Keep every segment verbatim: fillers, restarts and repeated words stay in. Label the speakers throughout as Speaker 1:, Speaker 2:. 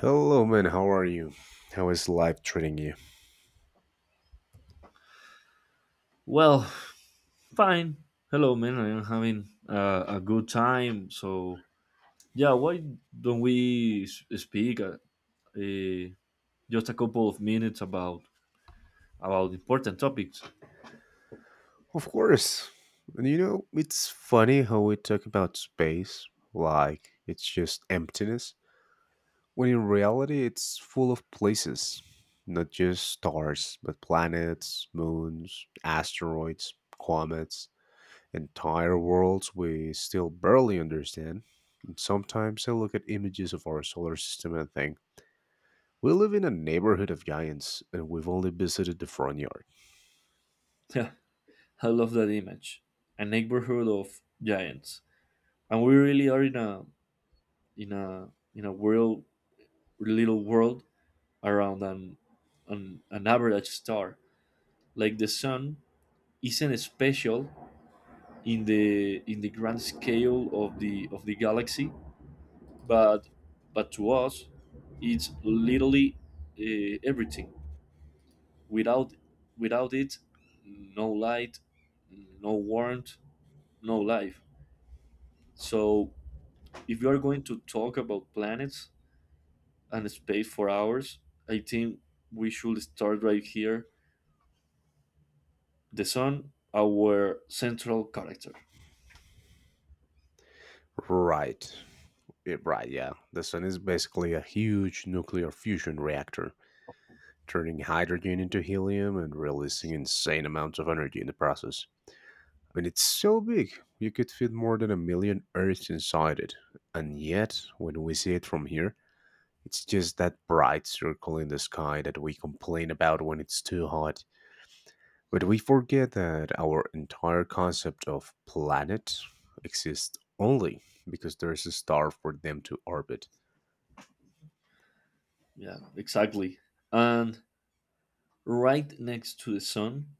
Speaker 1: Hello, man. How are you? How is life treating you?
Speaker 2: Well, fine. Hello, man. I am having uh, a good time. So, yeah, why don't we s- speak uh, uh, just a couple of minutes about about important topics?
Speaker 1: Of course. And You know, it's funny how we talk about space like it's just emptiness, when in reality, it's full of places. Not just stars, but planets, moons, asteroids, comets, entire worlds we still barely understand. And sometimes I look at images of our solar system and think, we live in a neighborhood of giants, and we've only visited the front yard.
Speaker 2: Yeah, I love that image. A neighborhood of giants, and we really are in a in a in a world, little world around an an, an average star. Like the sun isn't special in the in the grand scale of the of the galaxy, but but to us it's literally uh, everything. Without without it, no light, no warmth, no life. So if you are going to talk about planets and space for hours, I think we should start right here: the sun, our central character.
Speaker 1: Right. Yeah, right, yeah. The sun is basically a huge nuclear fusion reactor, turning hydrogen into helium and releasing insane amounts of energy in the process. I mean, it's so big, you could fit more than a million Earths inside it. And yet, when we see it from here, it's just that bright circle in the sky that we complain about when it's too hot. But we forget that our entire concept of planet exists only because there's a star for them to orbit.
Speaker 2: Yeah, exactly. and Right next to the sun,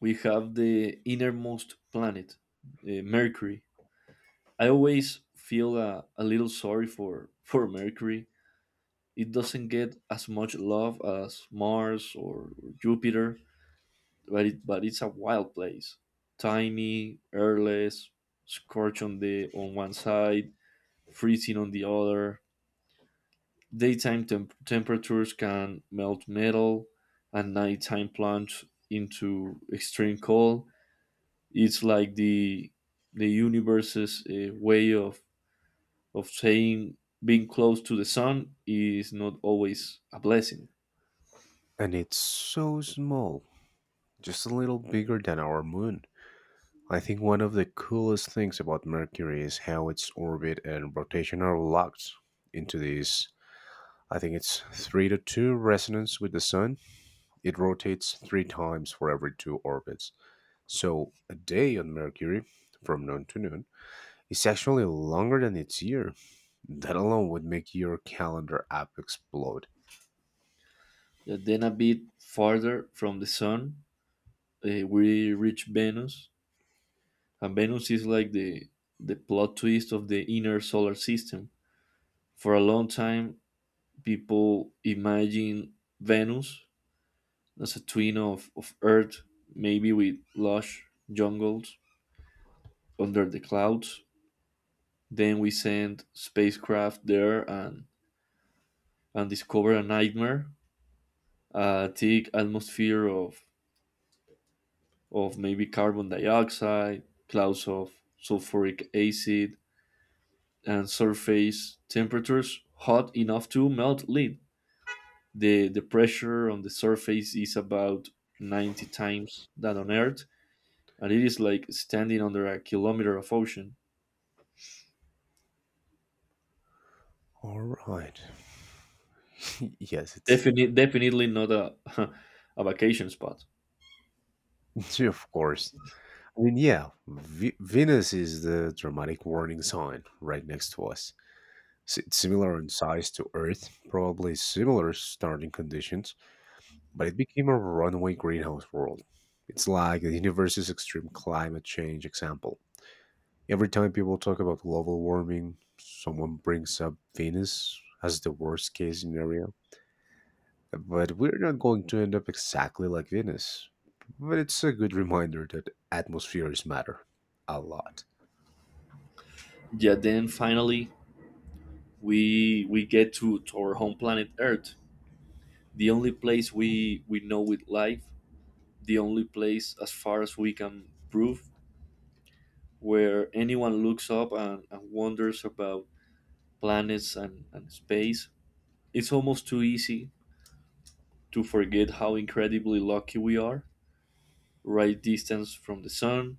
Speaker 2: we have the innermost planet, uh, Mercury. I always feel a, a little sorry for, for Mercury. It doesn't get as much love as Mars or Jupiter, but, it, but it's a wild place. Tiny, airless, scorched on, the, on one side, freezing on the other. Daytime temp- temperatures can melt metal, and nighttime plunge into extreme cold. It's like the the universe's uh, way of of saying being close to the sun is not always a blessing.
Speaker 1: And it's so small, just a little bigger than our moon. I think one of the coolest things about Mercury is how its orbit and rotation are locked into this. I think it's three to two resonance with the sun. It rotates three times for every two orbits. So a day on Mercury, from noon to noon, is actually longer than its year. That alone would make your calendar app explode.
Speaker 2: Uh, then a bit farther from the sun, uh, we reach Venus, and Venus is like the the plot twist of the inner solar system. For a long time, people imagine Venus as a twin of, of Earth, maybe with lush jungles under the clouds. Then we sent spacecraft there and and discover a nightmare: a thick atmosphere of of maybe carbon dioxide, clouds of sulfuric acid, and surface temperatures hot enough to melt lead. The the pressure on the surface is about ninety times that on Earth, and it is like standing under a kilometer of ocean.
Speaker 1: All right. Yes, it's
Speaker 2: Definitely, definitely not a a vacation spot.
Speaker 1: of course. I mean, yeah, v- Venus is the dramatic warning sign right next to us. S- It's similar in size to Earth, probably similar starting conditions, but it became a runaway greenhouse world. It's like the universe's extreme climate change example. Every time people talk about global warming, someone brings up Venus as the worst case scenario. But we're not going to end up exactly like Venus. But it's a good reminder that atmospheres matter a lot.
Speaker 2: Yeah, then finally we we get to, to our home planet Earth, the only place we we know with life, the only place as far as we can prove where anyone looks up and, and wonders about planets and, and space. It's almost too easy to forget how incredibly lucky we are. Right distance from the sun,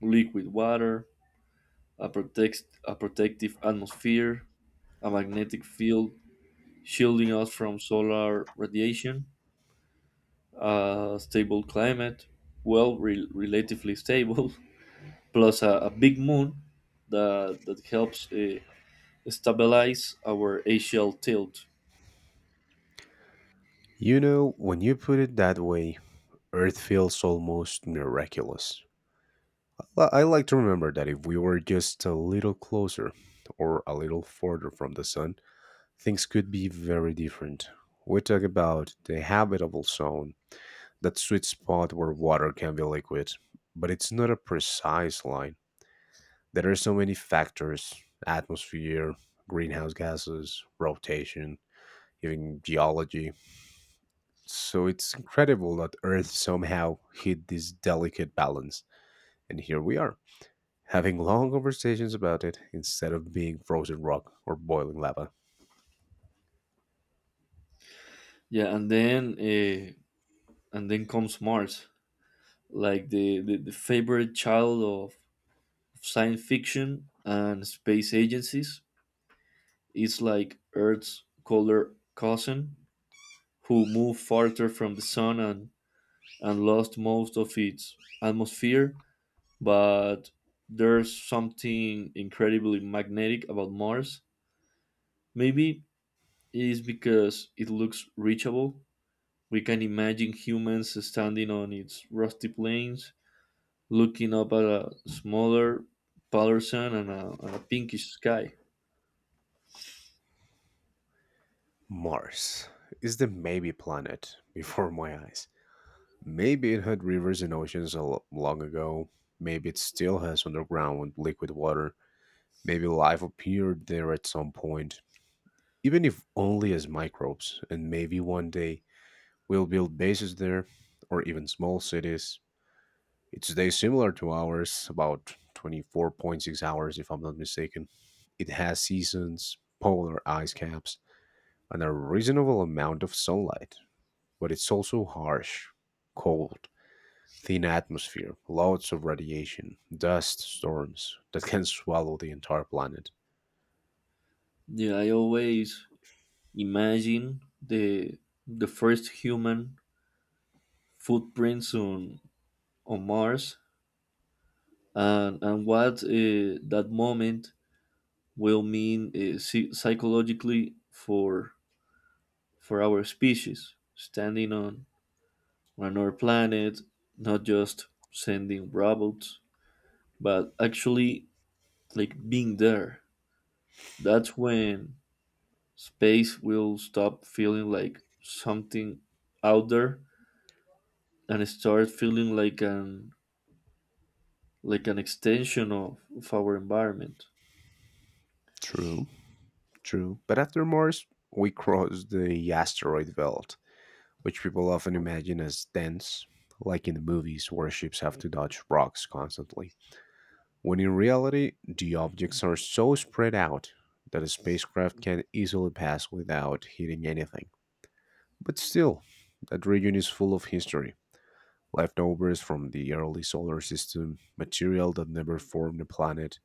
Speaker 2: liquid water, a protect a protective atmosphere, a magnetic field shielding us from solar radiation, a stable climate, well, re- relatively stable, plus a, a big moon that that helps uh, stabilize our axial tilt.
Speaker 1: You know, when you put it that way, Earth feels almost miraculous. Li- I like to remember that if we were just a little closer or a little further from the sun, things could be very different. We talk about the habitable zone, that sweet spot where water can be liquid, but it's not a precise line. There are so many factors: atmosphere, greenhouse gases, rotation, even geology. So it's incredible that Earth somehow hit this delicate balance, and here we are, having long conversations about it instead of being frozen rock or boiling lava.
Speaker 2: Yeah, and then uh, and then comes Mars, like the, the, the favorite child of science fiction and space agencies. It's like Earth's colder cousin, who moved farther from the sun and, and lost most of its atmosphere. But there's something incredibly magnetic about Mars. Maybe it is because it looks reachable. We can imagine humans standing on its rusty plains, looking up at a smaller, paler sun and a, and a pinkish sky.
Speaker 1: Mars is the maybe planet before my eyes. Maybe it had rivers and oceans a lo- long ago. Maybe it still has underground liquid water. Maybe life appeared there at some point, even if only as microbes, and maybe one day we'll build bases there or even small cities. It's day is similar to ours, about twenty-four point six hours, if I'm not mistaken. It has seasons, polar ice caps, and a reasonable amount of sunlight, but it's also harsh, cold, thin atmosphere, loads of radiation, dust, storms that can swallow the entire planet.
Speaker 2: Yeah, I always imagine the the first human footprints on on Mars and and what uh, that moment will mean uh, psy- psychologically for for our species, standing on on another planet, not just sending robots, but actually like being there. That's when space will stop feeling like something out there and start feeling like an like an extension of, of our environment.
Speaker 1: True, true. But after Mars, we cross the asteroid belt, which people often imagine as dense, like in the movies where ships have to dodge rocks constantly, when in reality the objects are so spread out that a spacecraft can easily pass without hitting anything. But still, that region is full of history, leftovers from the early solar system, material that never formed a planet,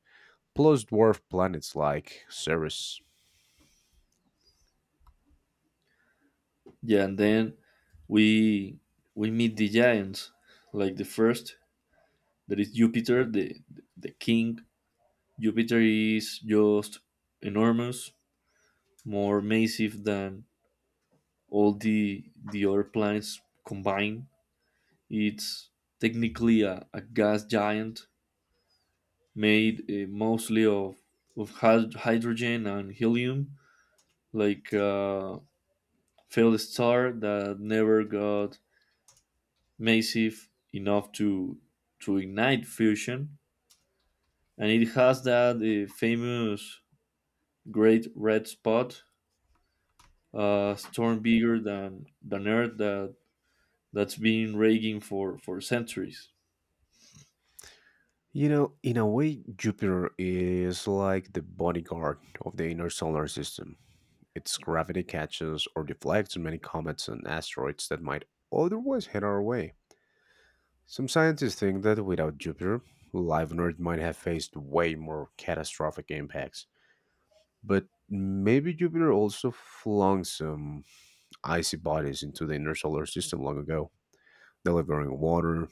Speaker 1: plus dwarf planets like Ceres.
Speaker 2: Yeah and then we we meet the giants, like the first. There is Jupiter, the, the king. Jupiter is just enormous, more massive than all the, the other planets combined. It's technically a, a gas giant made uh, mostly of, of hyd- hydrogen and helium, like a failed star that never got massive enough to, to ignite fusion. And it has that uh, famous great red spot, a storm bigger than than Earth that that's been raging for for centuries.
Speaker 1: You know, in a way, Jupiter is like the bodyguard of the inner solar system. Its gravity catches or deflects many comets and asteroids that might otherwise head our way. Some scientists think that without Jupiter, life on Earth might have faced way more catastrophic impacts. But maybe Jupiter also flung some icy bodies into the inner solar system long ago, delivering water.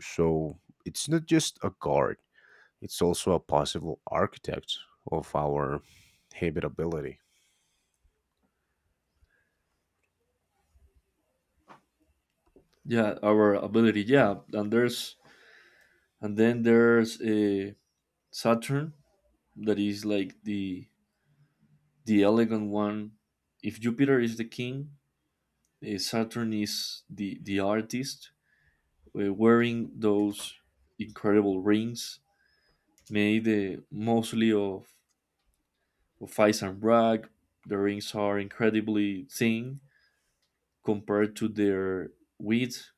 Speaker 1: So it's not just a guard, it's also a possible architect of our habitability.
Speaker 2: Yeah, our ability. Yeah, and there's and then there's a Saturn that is like the the elegant one. If Jupiter is the king, eh, Saturn is the the artist, eh, wearing those incredible rings made eh, mostly of of ice and rock. The rings are incredibly thin. Compared to their width,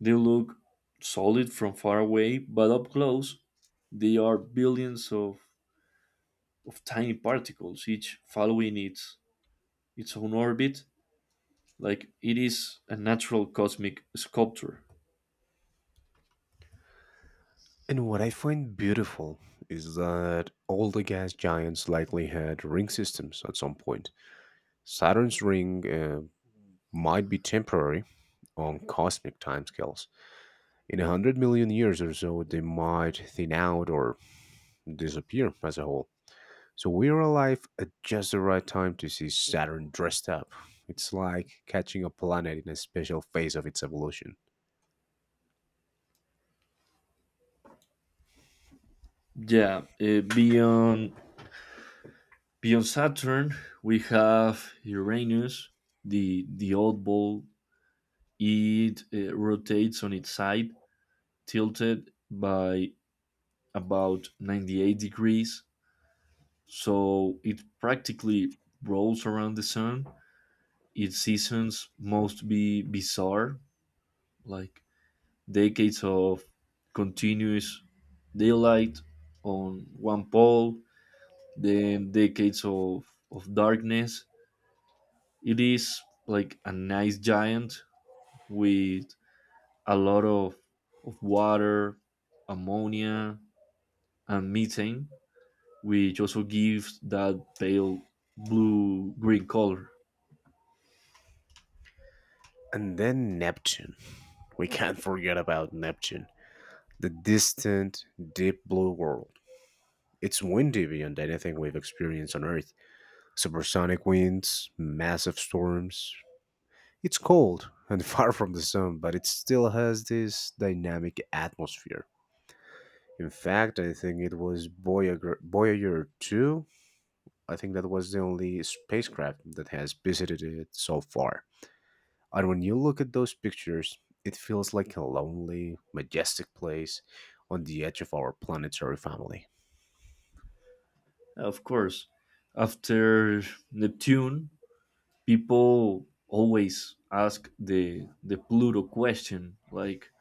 Speaker 2: they look solid from far away, but up close, they are billions of, of tiny particles, each following its, its own orbit. Like it is a natural cosmic sculpture.
Speaker 1: And what I find beautiful is that all the gas giants likely had ring systems at some point. Saturn's ring uh, might be temporary on cosmic timescales. In a hundred million years or so, they might thin out or disappear as a whole. So we're alive at just the right time to see Saturn dressed up. It's like catching a planet in a special phase of its evolution.
Speaker 2: Yeah, uh, beyond beyond Saturn, we have Uranus, the the oddball. It uh, rotates on its side, tilted by about ninety-eight degrees, so it practically rolls around the sun. Its seasons must be bizarre, like decades of continuous daylight on one pole, then decades of, of darkness. It is like a nice giant with a lot of, of water, ammonia, and methane, which also gives that pale blue green color.
Speaker 1: And then Neptune. We can't forget about Neptune. The distant, deep blue world. It's windy beyond anything we've experienced on Earth. Supersonic winds, massive storms. It's cold and far from the sun, but it still has this dynamic atmosphere. In fact, I think it was Voyager, Voyager two. I think that was the only spacecraft that has visited it so far. And when you look at those pictures, it feels like a lonely, majestic place on the edge of our planetary family.
Speaker 2: Of course. After Neptune, people always ask the the Pluto question, like,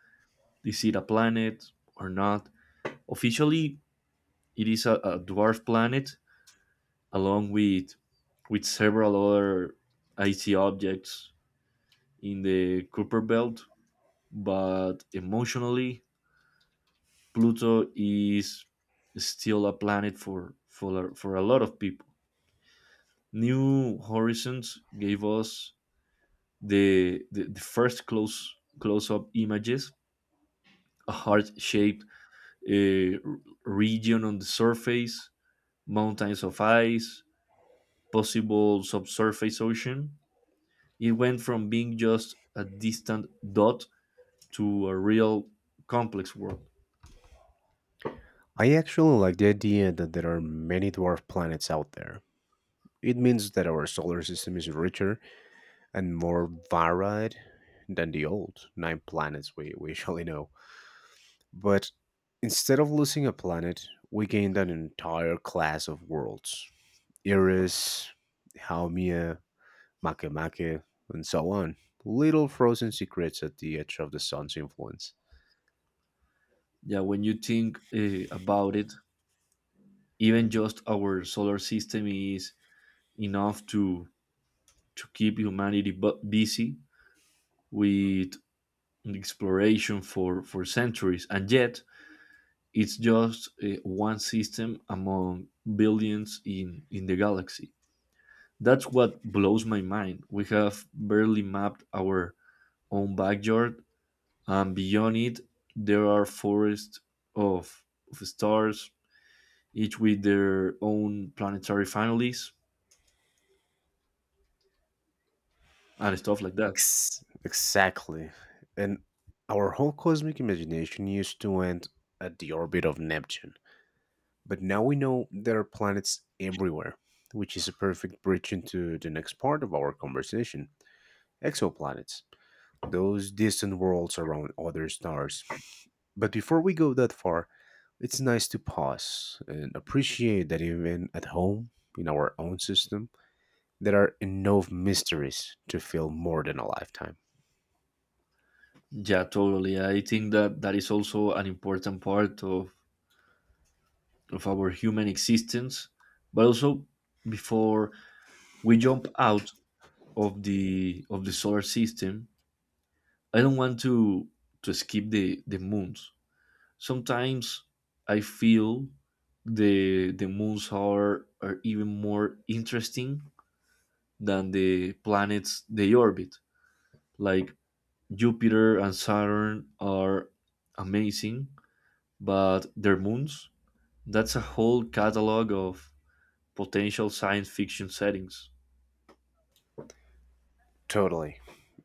Speaker 2: is it a planet or not? Officially, it is a, a dwarf planet, along with with several other icy objects in the Kuiper belt, but emotionally, Pluto is still a planet for for for a lot of people. New Horizons gave us the the, the first close close up images, a heart shaped uh, region on the surface, mountains of ice, possible subsurface ocean. It went from being just a distant dot to a real complex world.
Speaker 1: I actually like the idea that there are many dwarf planets out there. It means that our solar system is richer and more varied than the old nine planets we, we usually know. But instead of losing a planet, we gained an entire class of worlds: Iris, Haumea, Makemake, and so on. Little frozen secrets at the edge of the sun's influence.
Speaker 2: Yeah, when you think uh, about it, even just our solar system is enough to to keep humanity bu- busy with exploration for for centuries, and yet it's just uh, one system among billions in, in the galaxy. That's what blows my mind. We have barely mapped our own backyard, and beyond it, there are forests of, of stars, each with their own planetary families and stuff like that.
Speaker 1: Ex- exactly. And our whole cosmic imagination used to end at the orbit of Neptune. But now we know there are planets everywhere, which is a perfect bridge into the next part of our conversation: exoplanets, those distant worlds around other stars. But before we go that far, it's nice to pause and appreciate that even at home, in our own system, there are enough mysteries to fill more than a lifetime.
Speaker 2: Yeah, totally. I think that that is also an important part of, of our human existence. But also, before we jump out of the of the solar system, I don't want to to skip the the moons. Sometimes I feel the the moons are are even more interesting than the planets they orbit. Like Jupiter and Saturn are amazing, but their moons, that's a whole catalog of potential science fiction settings.
Speaker 1: Totally.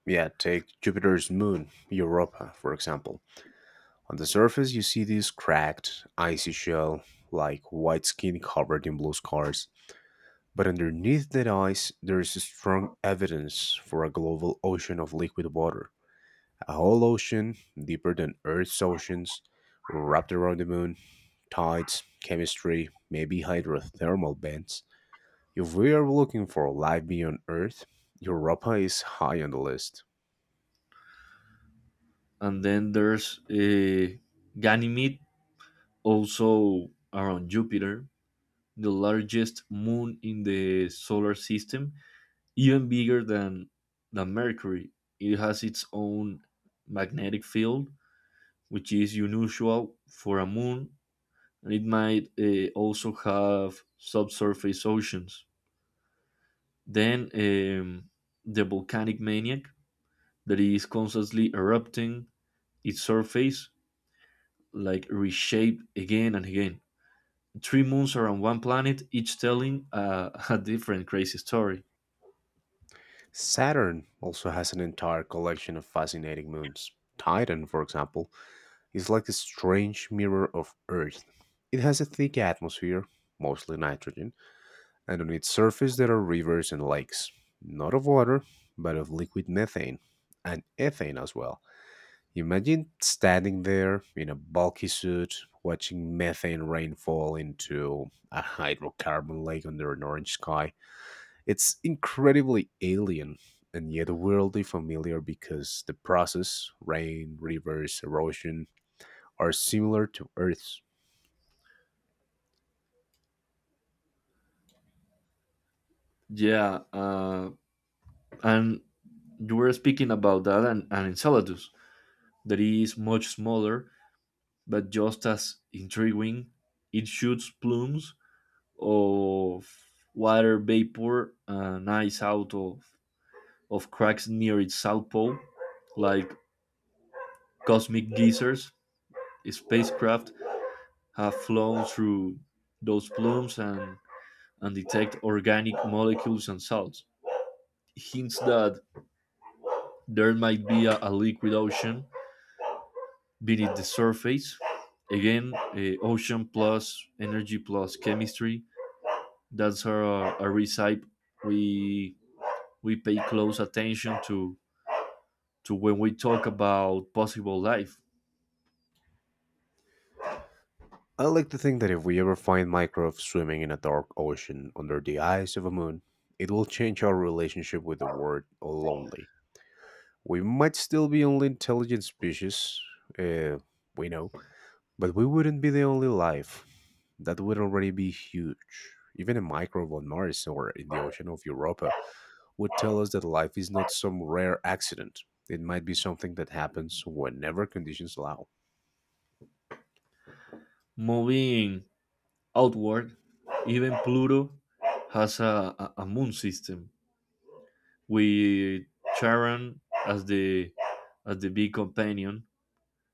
Speaker 1: Yeah, take Jupiter's moon, Europa, for example. On the surface, you see this cracked, icy shell, like white skin covered in blue scars. But underneath that ice, there is strong evidence for a global ocean of liquid water. A whole ocean, deeper than Earth's oceans, wrapped around the moon, tides, chemistry, maybe hydrothermal vents. If we are looking for life beyond Earth, Europa is high on the list.
Speaker 2: And then there's uh, Ganymede, also around Jupiter, the largest moon in the solar system, even bigger than, than Mercury. It has its own magnetic field, which is unusual for a moon, and it might uh, also have subsurface oceans. Then um, the volcanic maniac that is constantly erupting its surface, like reshaped again and again. Three moons around one planet, each telling uh, a different crazy story.
Speaker 1: Saturn also has an entire collection of fascinating moons. Titan, for example, is like a strange mirror of Earth. It has a thick atmosphere, mostly nitrogen, and on its surface there are rivers and lakes, not of water, but of liquid methane and ethane as well. Imagine standing there in a bulky suit, watching methane rain fall into a hydrocarbon lake under an orange sky. It's incredibly alien and yet weirdly familiar because the process, rain, rivers, erosion, are similar to Earth's.
Speaker 2: Yeah, uh, and you were speaking about that and, and Enceladus, that is much smaller, but just as intriguing. It shoots plumes of water vapor and ice out of, of cracks near its south pole, like cosmic geysers. Spacecraft have flown through those plumes and and detect organic molecules and salts. Hints that there might be a, a liquid ocean beneath the surface. Again, eh, ocean plus energy plus chemistry. That's our, our recipe. We we pay close attention to to when we talk about possible life.
Speaker 1: I like to think that if we ever find microbes swimming in a dark ocean under the eyes of a moon, it will change our relationship with the word lonely. We might still be only intelligent species, uh, we know, but we wouldn't be the only life. That would already be huge. Even a microbe on Mars or in the ocean of Europa would tell us that life is not some rare accident. It might be something that happens whenever conditions allow.
Speaker 2: Moving outward, even Pluto has a, a, a moon system with Charon as the as the big companion.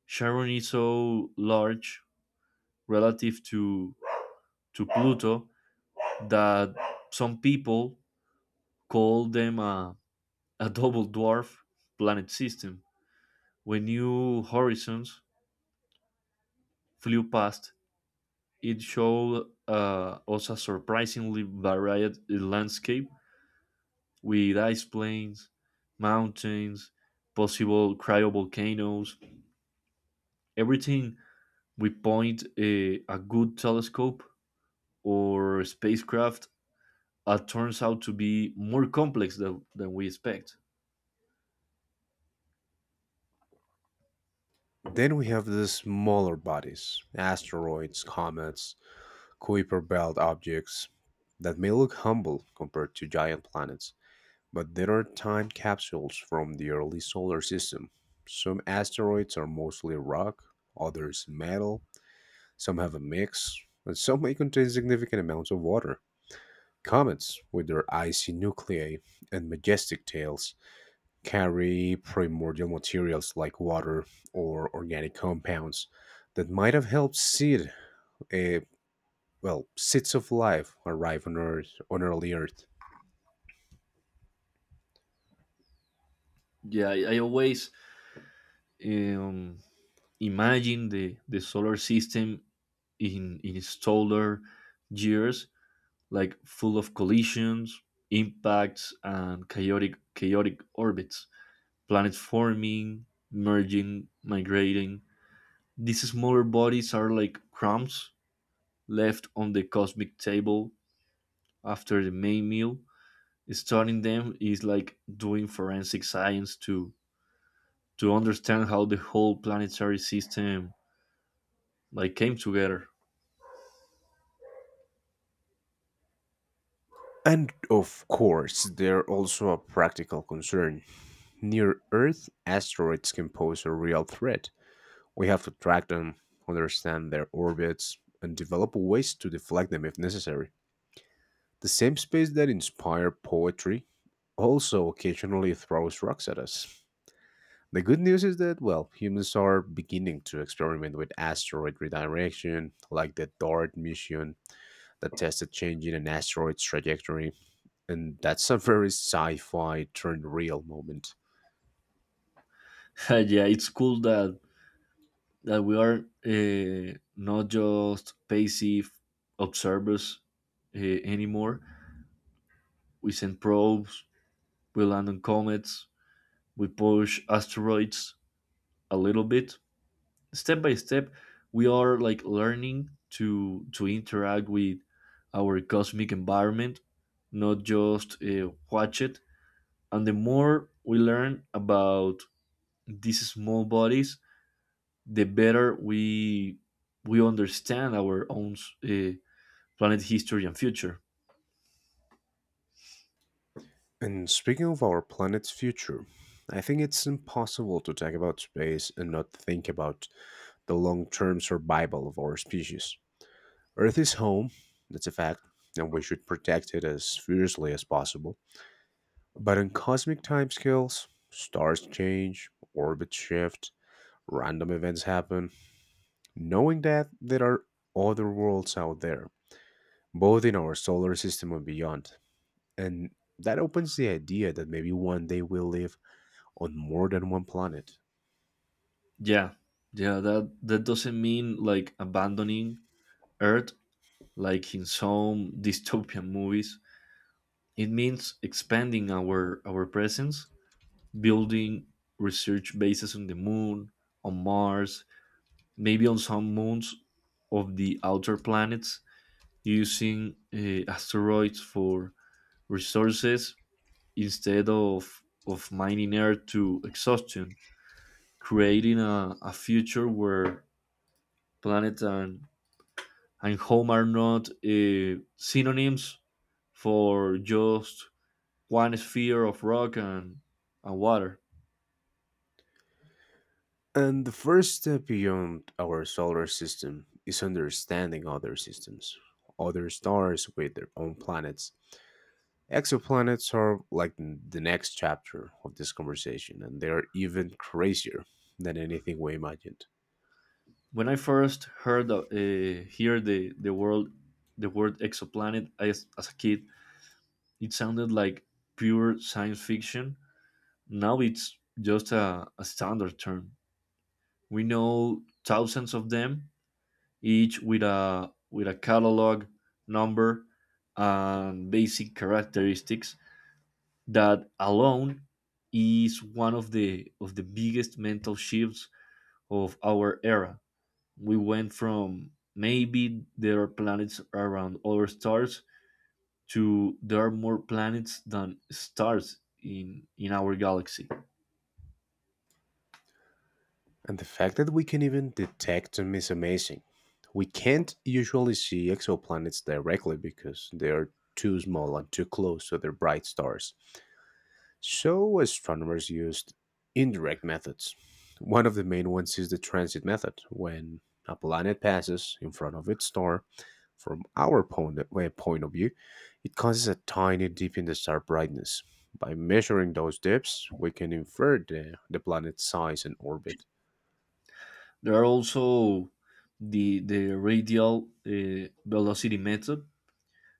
Speaker 2: Charon is so large relative to to Pluto that some people call them a, a double dwarf planet system. When New Horizons flew past, it showed uh, us a surprisingly varied landscape with ice plains, mountains, possible cryovolcanoes. Everything we point a, a good telescope or spacecraft uh, turns out to be more complex than, than we expect.
Speaker 1: Then we have the smaller bodies: asteroids, comets, Kuiper belt objects that may look humble compared to giant planets, but there are time capsules from the early solar system. Some asteroids are mostly rock, others metal, some have a mix, and some may contain significant amounts of water. Comets, with their icy nuclei and majestic tails, carry primordial materials like water or organic compounds that might have helped seed a, well, seeds of life arrive on Earth, on early Earth.
Speaker 2: Yeah, I, I always um, imagine the, the solar system in, in its taller years, like full of collisions, impacts, and chaotic, chaotic orbits, planets forming, merging, migrating. These smaller bodies are like crumbs left on the cosmic table after the main meal. Studying them is like doing forensic science to to understand how the whole planetary system like came together.
Speaker 1: And of course, they're also a practical concern. Near Earth asteroids can pose a real threat. We have to track them, understand their orbits, and develop ways to deflect them if necessary. The same space that inspired poetry also occasionally throws rocks at us. The good news is that, well, humans are beginning to experiment with asteroid redirection, like the DART mission that tested changing an asteroid's trajectory, and that's a very sci fi turned real moment.
Speaker 2: yeah, it's cool that that we are uh, not just passive observers uh, anymore. We send probes, we land on comets, we push asteroids a little bit. Step by step, we are like learning to to interact with our cosmic environment, not just uh, watch it. And the more we learn about these small bodies, the better we we understand our own uh, planet history and future.
Speaker 1: And speaking of our planet's future, I think it's impossible to talk about space and not think about the long term survival of our species. Earth is home, that's a fact, and we should protect it as fiercely as possible. But on cosmic timescales, stars change, orbits shift, random events happen. Knowing that there are other worlds out there, both in our solar system and beyond, and that opens the idea that maybe one day we'll live on more than one planet.
Speaker 2: Yeah, yeah. That that doesn't mean like abandoning Earth, like in some dystopian movies. It means expanding our our presence, building research bases on the moon, on Mars, maybe on some moons of the outer planets, using uh, asteroids for resources instead of of mining Earth to exhaustion, creating a, a future where planet and, and home are not uh, synonyms for just one sphere of rock and, and water.
Speaker 1: And the first step beyond our solar system is understanding other systems, other stars with their own planets. Exoplanets are like n- the next chapter of this conversation, and they are even crazier than anything we imagined.
Speaker 2: When I first heard uh, hear the, the world the word exoplanet as, as a kid, it sounded like pure science fiction. Now it's just a, a standard term. We know thousands of them, each with a with a catalog number and basic characteristics. That alone is one of the of the biggest mental shifts of our era. We went from maybe there are planets around other stars to there are more planets than stars in in our galaxy.
Speaker 1: And the fact that we can even detect them is amazing. We can't usually see exoplanets directly because they are too small and too close to their bright stars. So, astronomers used indirect methods. One of the main ones is the transit method, when a planet passes in front of its star from our point, uh, point of view, it causes a tiny dip in the star brightness. By measuring those dips, we can infer the, the planet's size and orbit.
Speaker 2: There are also the the radial uh, velocity method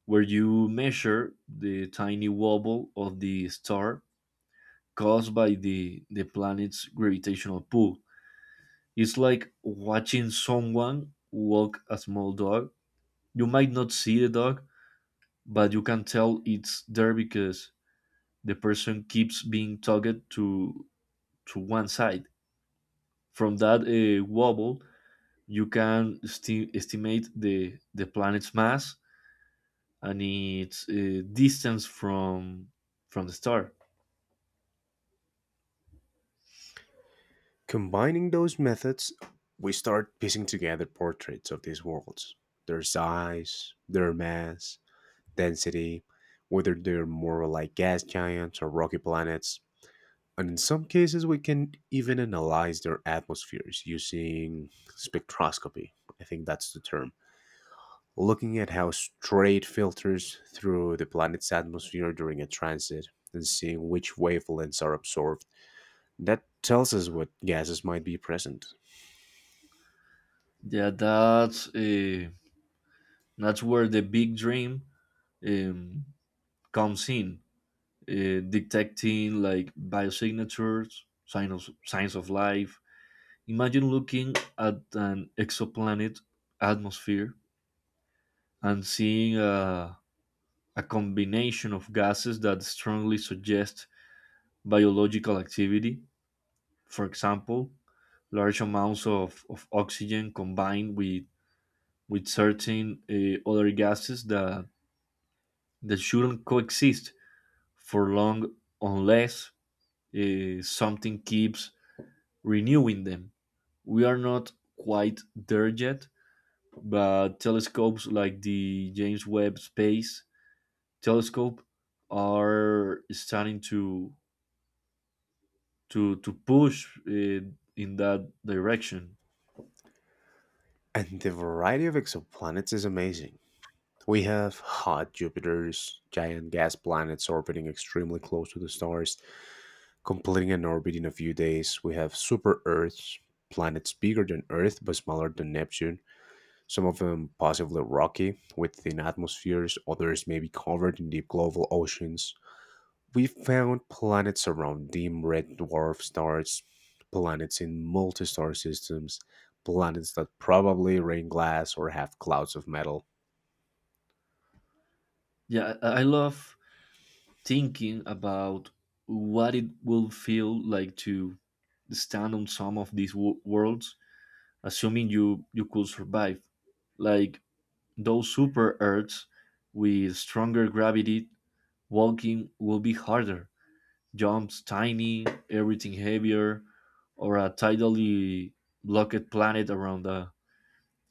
Speaker 2: where you measure the tiny wobble of the star caused by the, the planet's gravitational pull. It's like watching someone walk a small dog. You might not see the dog, but you can tell it's there because the person keeps being tugged to to one side. From that uh, wobble, you can esti- estimate the the planet's mass and its uh, distance from from the star.
Speaker 1: Combining those methods, we start piecing together portraits of these worlds, their size, their mass, density, whether they're more like gas giants or rocky planets. And in some cases, we can even analyze their atmospheres using spectroscopy. I think that's the term. Looking at how straight filters through the planet's atmosphere during a transit and seeing which wavelengths are absorbed. That tells us what gases might be present.
Speaker 2: Yeah, that's uh, that's where the big dream um, comes in, uh, detecting like biosignatures, signs of signs of life. Imagine looking at an exoplanet atmosphere and seeing a, a combination of gases that strongly suggest biological activity. For example, large amounts of, of oxygen combined with with certain uh, other gases that that shouldn't coexist for long unless uh, something keeps renewing them. We are not quite there yet, but telescopes like the James Webb Space Telescope are starting to to to push uh, in that direction.
Speaker 1: And the variety of exoplanets is amazing. We have hot Jupiters, giant gas planets orbiting extremely close to the stars, completing an orbit in a few days. We have super Earths, planets bigger than Earth but smaller than Neptune, some of them possibly rocky with thin atmospheres, others may be covered in deep global oceans. We found planets around dim red dwarf stars, planets in multi star systems, planets that probably rain glass or have clouds of metal.
Speaker 2: Yeah, I I love thinking about what it will feel like to stand on some of these wo- worlds assuming you you could survive. Like those super Earths with stronger gravity, walking will be harder. Jumps tiny, everything heavier, or a tidally blocked planet around a,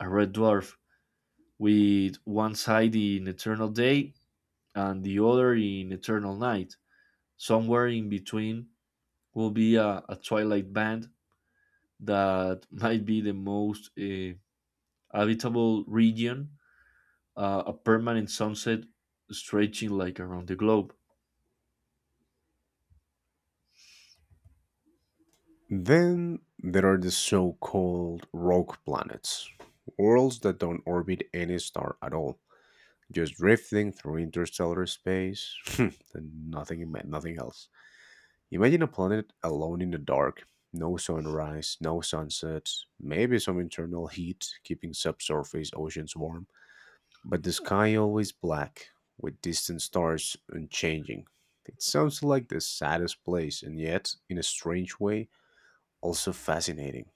Speaker 2: a red dwarf with one side in eternal day and the other in eternal night. Somewhere in between will be a, a twilight band that might be the most uh, habitable region, uh, a permanent sunset stretching like around the globe.
Speaker 1: Then there are the so called rogue planets, worlds that don't orbit any star at all, just drifting through interstellar space and nothing, nothing else. Imagine a planet alone in the dark, no sunrise, no sunsets, maybe some internal heat keeping subsurface oceans warm, but the sky always black, with distant stars unchanging. It sounds like the saddest place, and yet, in a strange way, also fascinating.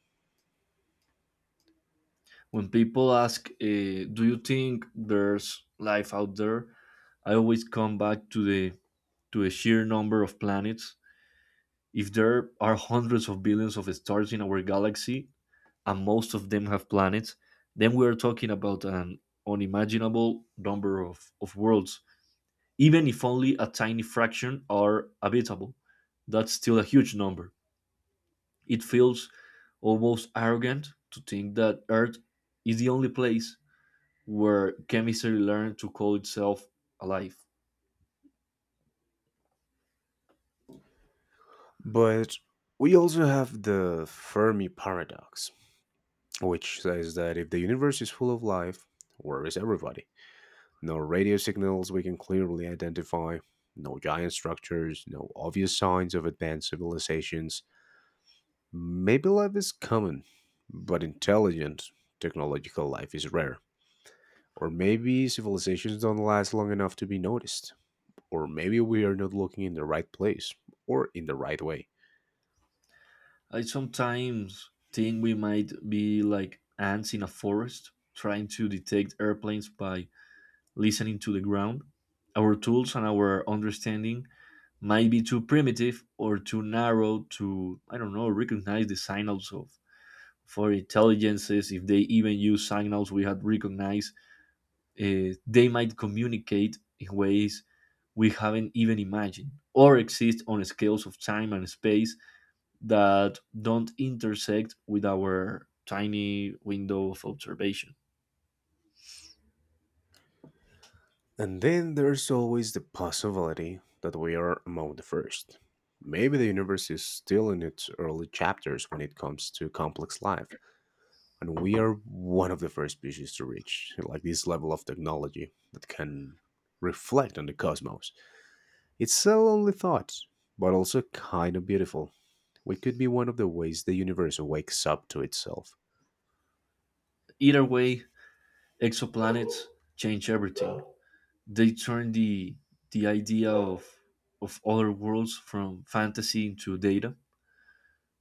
Speaker 2: When people ask, uh, "Do you think there's life out there?" I always come back to the to a sheer number of planets. If there are hundreds of billions of stars in our galaxy, and most of them have planets, then we are talking about an unimaginable number of, of worlds. Even if only a tiny fraction are habitable, that's still a huge number. It feels almost arrogant to think that Earth is the only place where chemistry learned to call itself alive.
Speaker 1: But we also have the Fermi paradox, which says that if the universe is full of life, where is everybody? No radio signals we can clearly identify, no giant structures, no obvious signs of advanced civilizations. Maybe life is common, but intelligent technological life is rare. Or maybe civilizations don't last long enough to be noticed. Or maybe we are not looking in the right place or in the right way.
Speaker 2: I sometimes think we might be like ants in a forest trying to detect airplanes by listening to the ground. Our tools and our understanding might be too primitive or too narrow to, I don't know, recognize the signals of for intelligences if they even use signals we had recognized, uh, they might communicate in ways we haven't even imagined or exist on scales of time and space that don't intersect with our tiny window of observation.
Speaker 1: And then there's always the possibility that we are among the first. Maybe the universe is still in its early chapters when it comes to complex life, and we are one of the first species to reach like this level of technology that can reflect on the cosmos. It's a lonely thought, but also kind of beautiful. We could be one of the ways the universe wakes up to itself.
Speaker 2: Either way, exoplanets change everything. They turn the the idea of of other worlds from fantasy into data.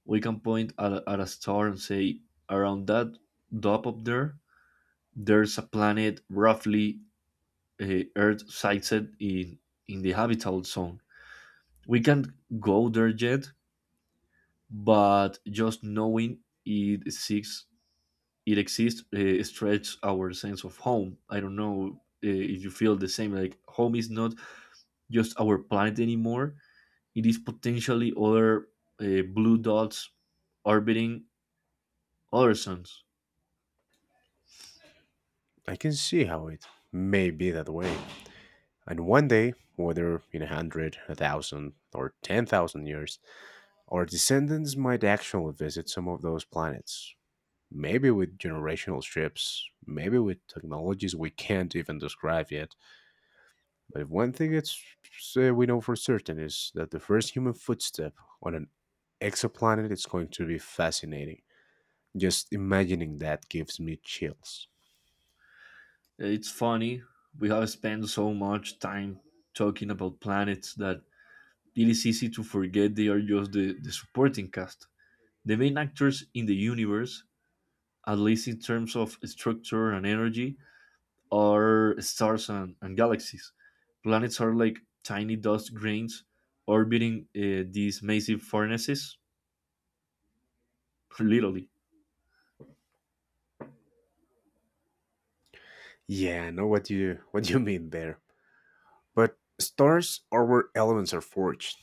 Speaker 2: We can point at, a- at a star and say, around that dot up there, there's a planet roughly uh, Earth sighted in in the habitable zone. We can't go there yet, but just knowing it exists, it exists, uh, stretches our sense of home. I don't know uh, if you feel the same. Like home is not just our planet anymore. It is potentially other uh, blue dots orbiting other suns.
Speaker 1: I can see how it may be that way. And one day, whether in a hundred, a thousand or ten thousand years, our descendants might actually visit some of those planets. Maybe with generational trips, maybe with technologies we can't even describe yet. But if one thing it's uh, we know for certain is that the first human footstep on an exoplanet is going to be fascinating. Just imagining that gives me chills.
Speaker 2: It's funny we have spent so much time talking about planets that it is easy to forget they are just the, the supporting cast. The main actors in the universe, at least in terms of structure and energy, are stars and, and galaxies. Planets are like tiny dust grains orbiting uh, these massive furnaces, literally.
Speaker 1: Yeah, I know what you what you mean there. But stars are where elements are forged.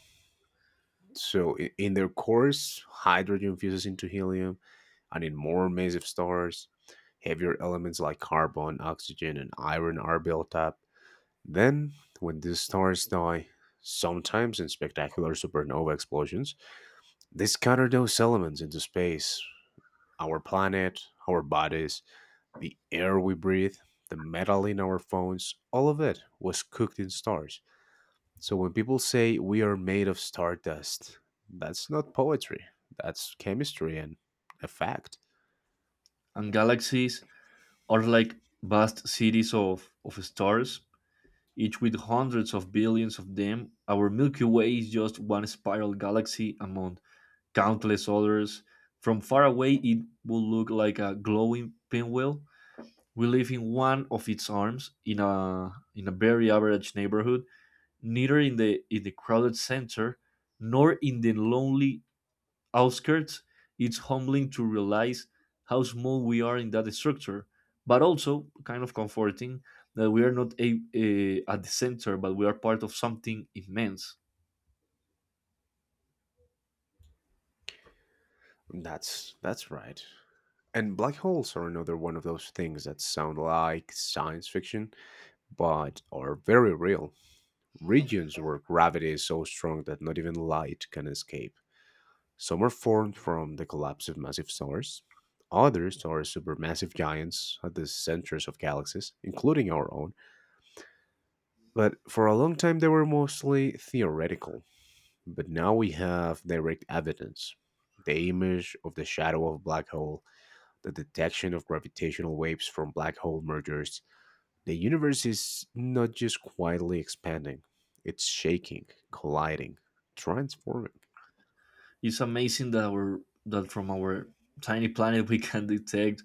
Speaker 1: So i- in their course, hydrogen fuses into helium, and in more massive stars, heavier elements like carbon, oxygen, and iron are built up. Then, when these stars die, sometimes in spectacular supernova explosions, they scatter those elements into space. Our planet, our bodies, the air we breathe, the metal in our phones, all of it was cooked in stars. So when people say we are made of stardust, that's not poetry. That's chemistry and a fact.
Speaker 2: And galaxies are like vast cities of, of stars, each with hundreds of billions of them. Our Milky Way is just one spiral galaxy among countless others. From far away, it would look like a glowing pinwheel. We live in one of its arms, in a in a very average neighborhood, neither in the in the crowded center nor in the lonely outskirts. It's humbling to realize how small we are in that structure, but also kind of comforting that we are not a, a, at the center, but we are part of something immense.
Speaker 1: That's that's right. And black holes are another one of those things that sound like science fiction, but are very real. Regions where gravity is so strong that not even light can escape. Some are formed from the collapse of massive stars. Others are supermassive giants at the centers of galaxies, including our own. But for a long time, they were mostly theoretical. But now we have direct evidence, the image of the shadow of a black hole, the detection of gravitational waves from black hole mergers. The universe is not just quietly expanding, it's shaking, colliding, transforming.
Speaker 2: It's amazing that our that from our tiny planet we can detect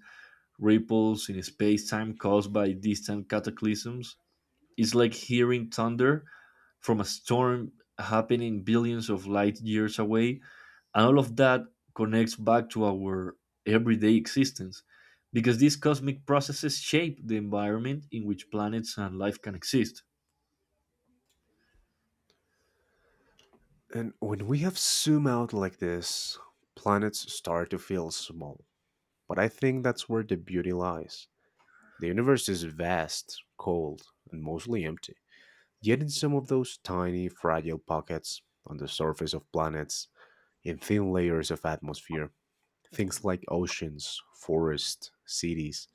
Speaker 2: ripples in space-time caused by distant cataclysms. It's like hearing thunder from a storm happening billions of light years away, and all of that connects back to our everyday existence because these cosmic processes shape the environment in which planets and life can exist.
Speaker 1: And when we have zoom out like this, planets start to feel small. But I think that's where the beauty lies. The universe is vast, cold, and mostly empty. Yet in some of those tiny, fragile pockets on the surface of planets, in thin layers of atmosphere, things like oceans, forests, cities,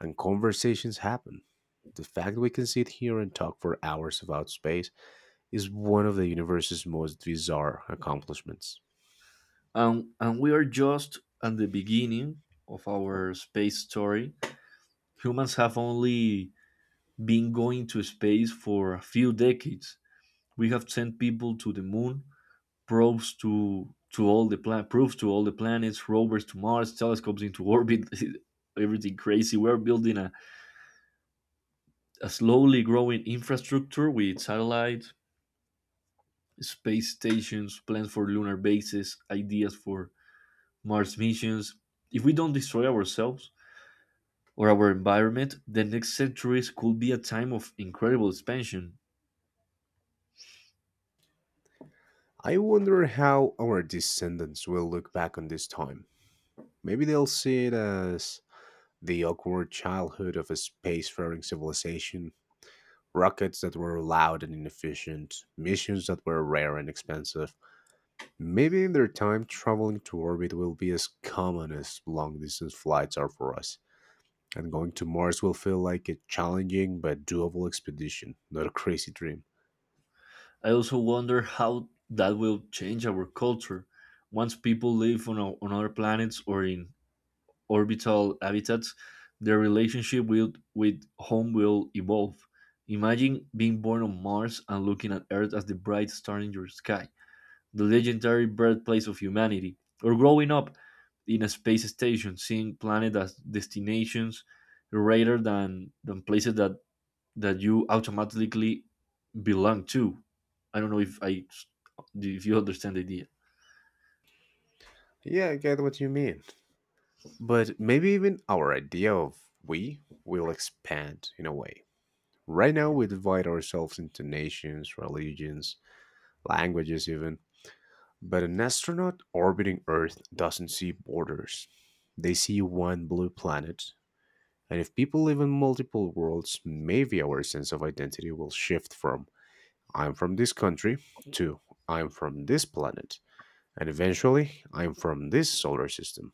Speaker 1: and conversations happen. The fact we can sit here and talk for hours about space is one of the universe's most bizarre accomplishments.
Speaker 2: And, and we are just at the beginning of our space story. Humans have only been going to space for a few decades. We have sent people to the moon, probes to to all the plan proofs to all the planets, rovers to Mars, telescopes into orbit, everything crazy. We're building a, a slowly growing infrastructure with satellites, space stations, plans for lunar bases, ideas for Mars missions. If we don't destroy ourselves or our environment, the next centuries could be a time of incredible expansion.
Speaker 1: I wonder how our descendants will look back on this time. Maybe they'll see it as the awkward childhood of a spacefaring civilization, rockets that were loud and inefficient, missions that were rare and expensive. Maybe in their time, traveling to orbit will be as common as long distance flights are for us, and going to Mars will feel like a challenging but doable expedition, not a crazy dream.
Speaker 2: I also wonder how that will change our culture once people live on, o- on other planets or in orbital habitats. Their relationship with, with home will evolve. Imagine being born on Mars and looking at Earth as the bright star in your sky, the legendary birthplace of humanity, or growing up in a space station, seeing planets as destinations rather than, than places that, that you automatically belong to. I don't know if I if you understand the idea.
Speaker 1: Yeah, I get what you mean. But maybe even our idea of we will expand in a way. Right now, we divide ourselves into nations, religions, languages, even. But an astronaut orbiting Earth doesn't see borders. They see one blue planet. And if people live in multiple worlds, maybe our sense of identity will shift from I'm from this country to I'm from this planet. And eventually, I'm from this solar system.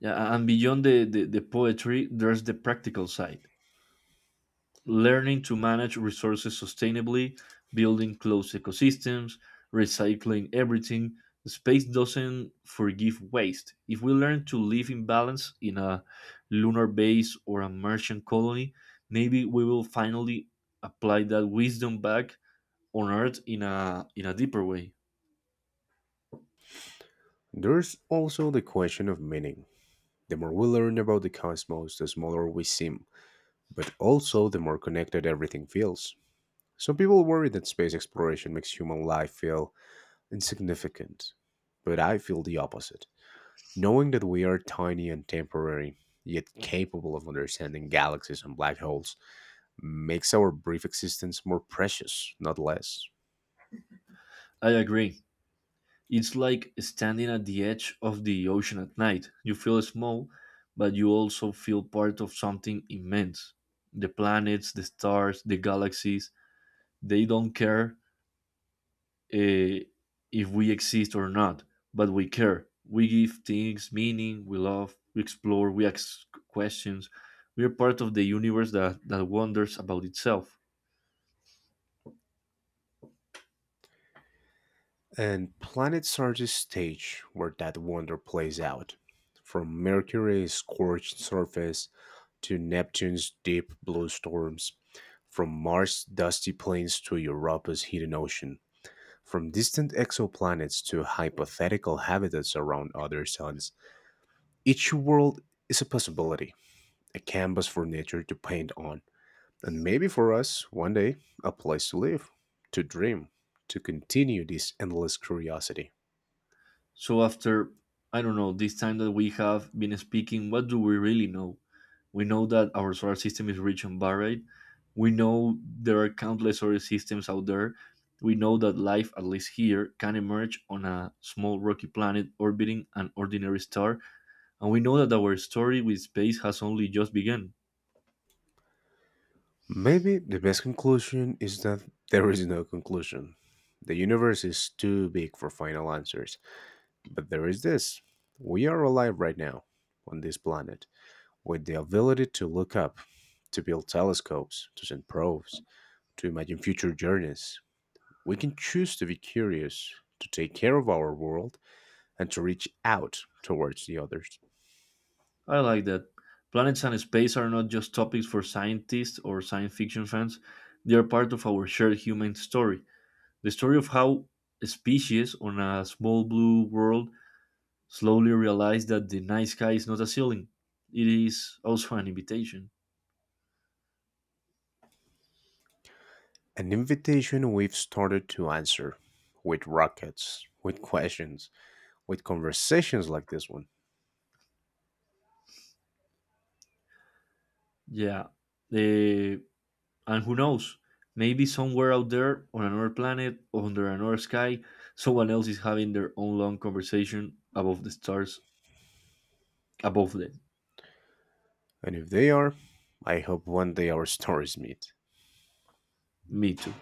Speaker 2: Yeah, and beyond the, the, the poetry, there's the practical side. Learning to manage resources sustainably, building closed ecosystems, recycling everything. Space doesn't forgive waste. If we learn to live in balance in a lunar base or a Martian colony, maybe we will finally apply that wisdom back on Earth in a in a deeper way.
Speaker 1: There's also the question of meaning. The more we learn about the cosmos, the smaller we seem, but also the more connected everything feels. Some people worry that space exploration makes human life feel insignificant, but I feel the opposite. Knowing that we are tiny and temporary, yet capable of understanding galaxies and black holes, makes our brief existence more precious, not less.
Speaker 2: I agree. It's like standing at the edge of the ocean at night. You feel small, but you also feel part of something immense. The planets, the stars, the galaxies, they don't care, eh, if we exist or not, but we care. We give things meaning, we love, we explore, we ask questions. We are part of the universe that, that wonders about itself.
Speaker 1: And planets are the stage where that wonder plays out. From Mercury's scorched surface to Neptune's deep blue storms, from Mars' dusty plains to Europa's hidden ocean, from distant exoplanets to hypothetical habitats around other suns, each world is a possibility, a canvas for nature to paint on, and maybe for us, one day, a place to live, to dream, to continue this endless curiosity.
Speaker 2: So after, I don't know, this time that we have been speaking, what do we really know? We know that our solar system is rich and varied. We know there are countless solar systems out there. We know that life, at least here, can emerge on a small rocky planet orbiting an ordinary star. And we know that our story with space has only just begun.
Speaker 1: Maybe the best conclusion is that there is no conclusion. The universe is too big for final answers. But there is this, we are alive right now on this planet with the ability to look up, to build telescopes, to send probes, to imagine future journeys. We can choose to be curious, to take care of our world, and to reach out towards the others.
Speaker 2: I like that. Planets and space are not just topics for scientists or science fiction fans, they are part of our shared human story. The story of how a species on a small blue world slowly realized that the night sky is not a ceiling. It is also an invitation.
Speaker 1: An invitation we've started to answer with rockets, with questions, with conversations like this one.
Speaker 2: Yeah. eh, and who knows? Maybe somewhere out there on another planet, under another sky, someone else is having their own long conversation above the stars, above them.
Speaker 1: And if they are, I hope one day our stories meet.
Speaker 2: Me too.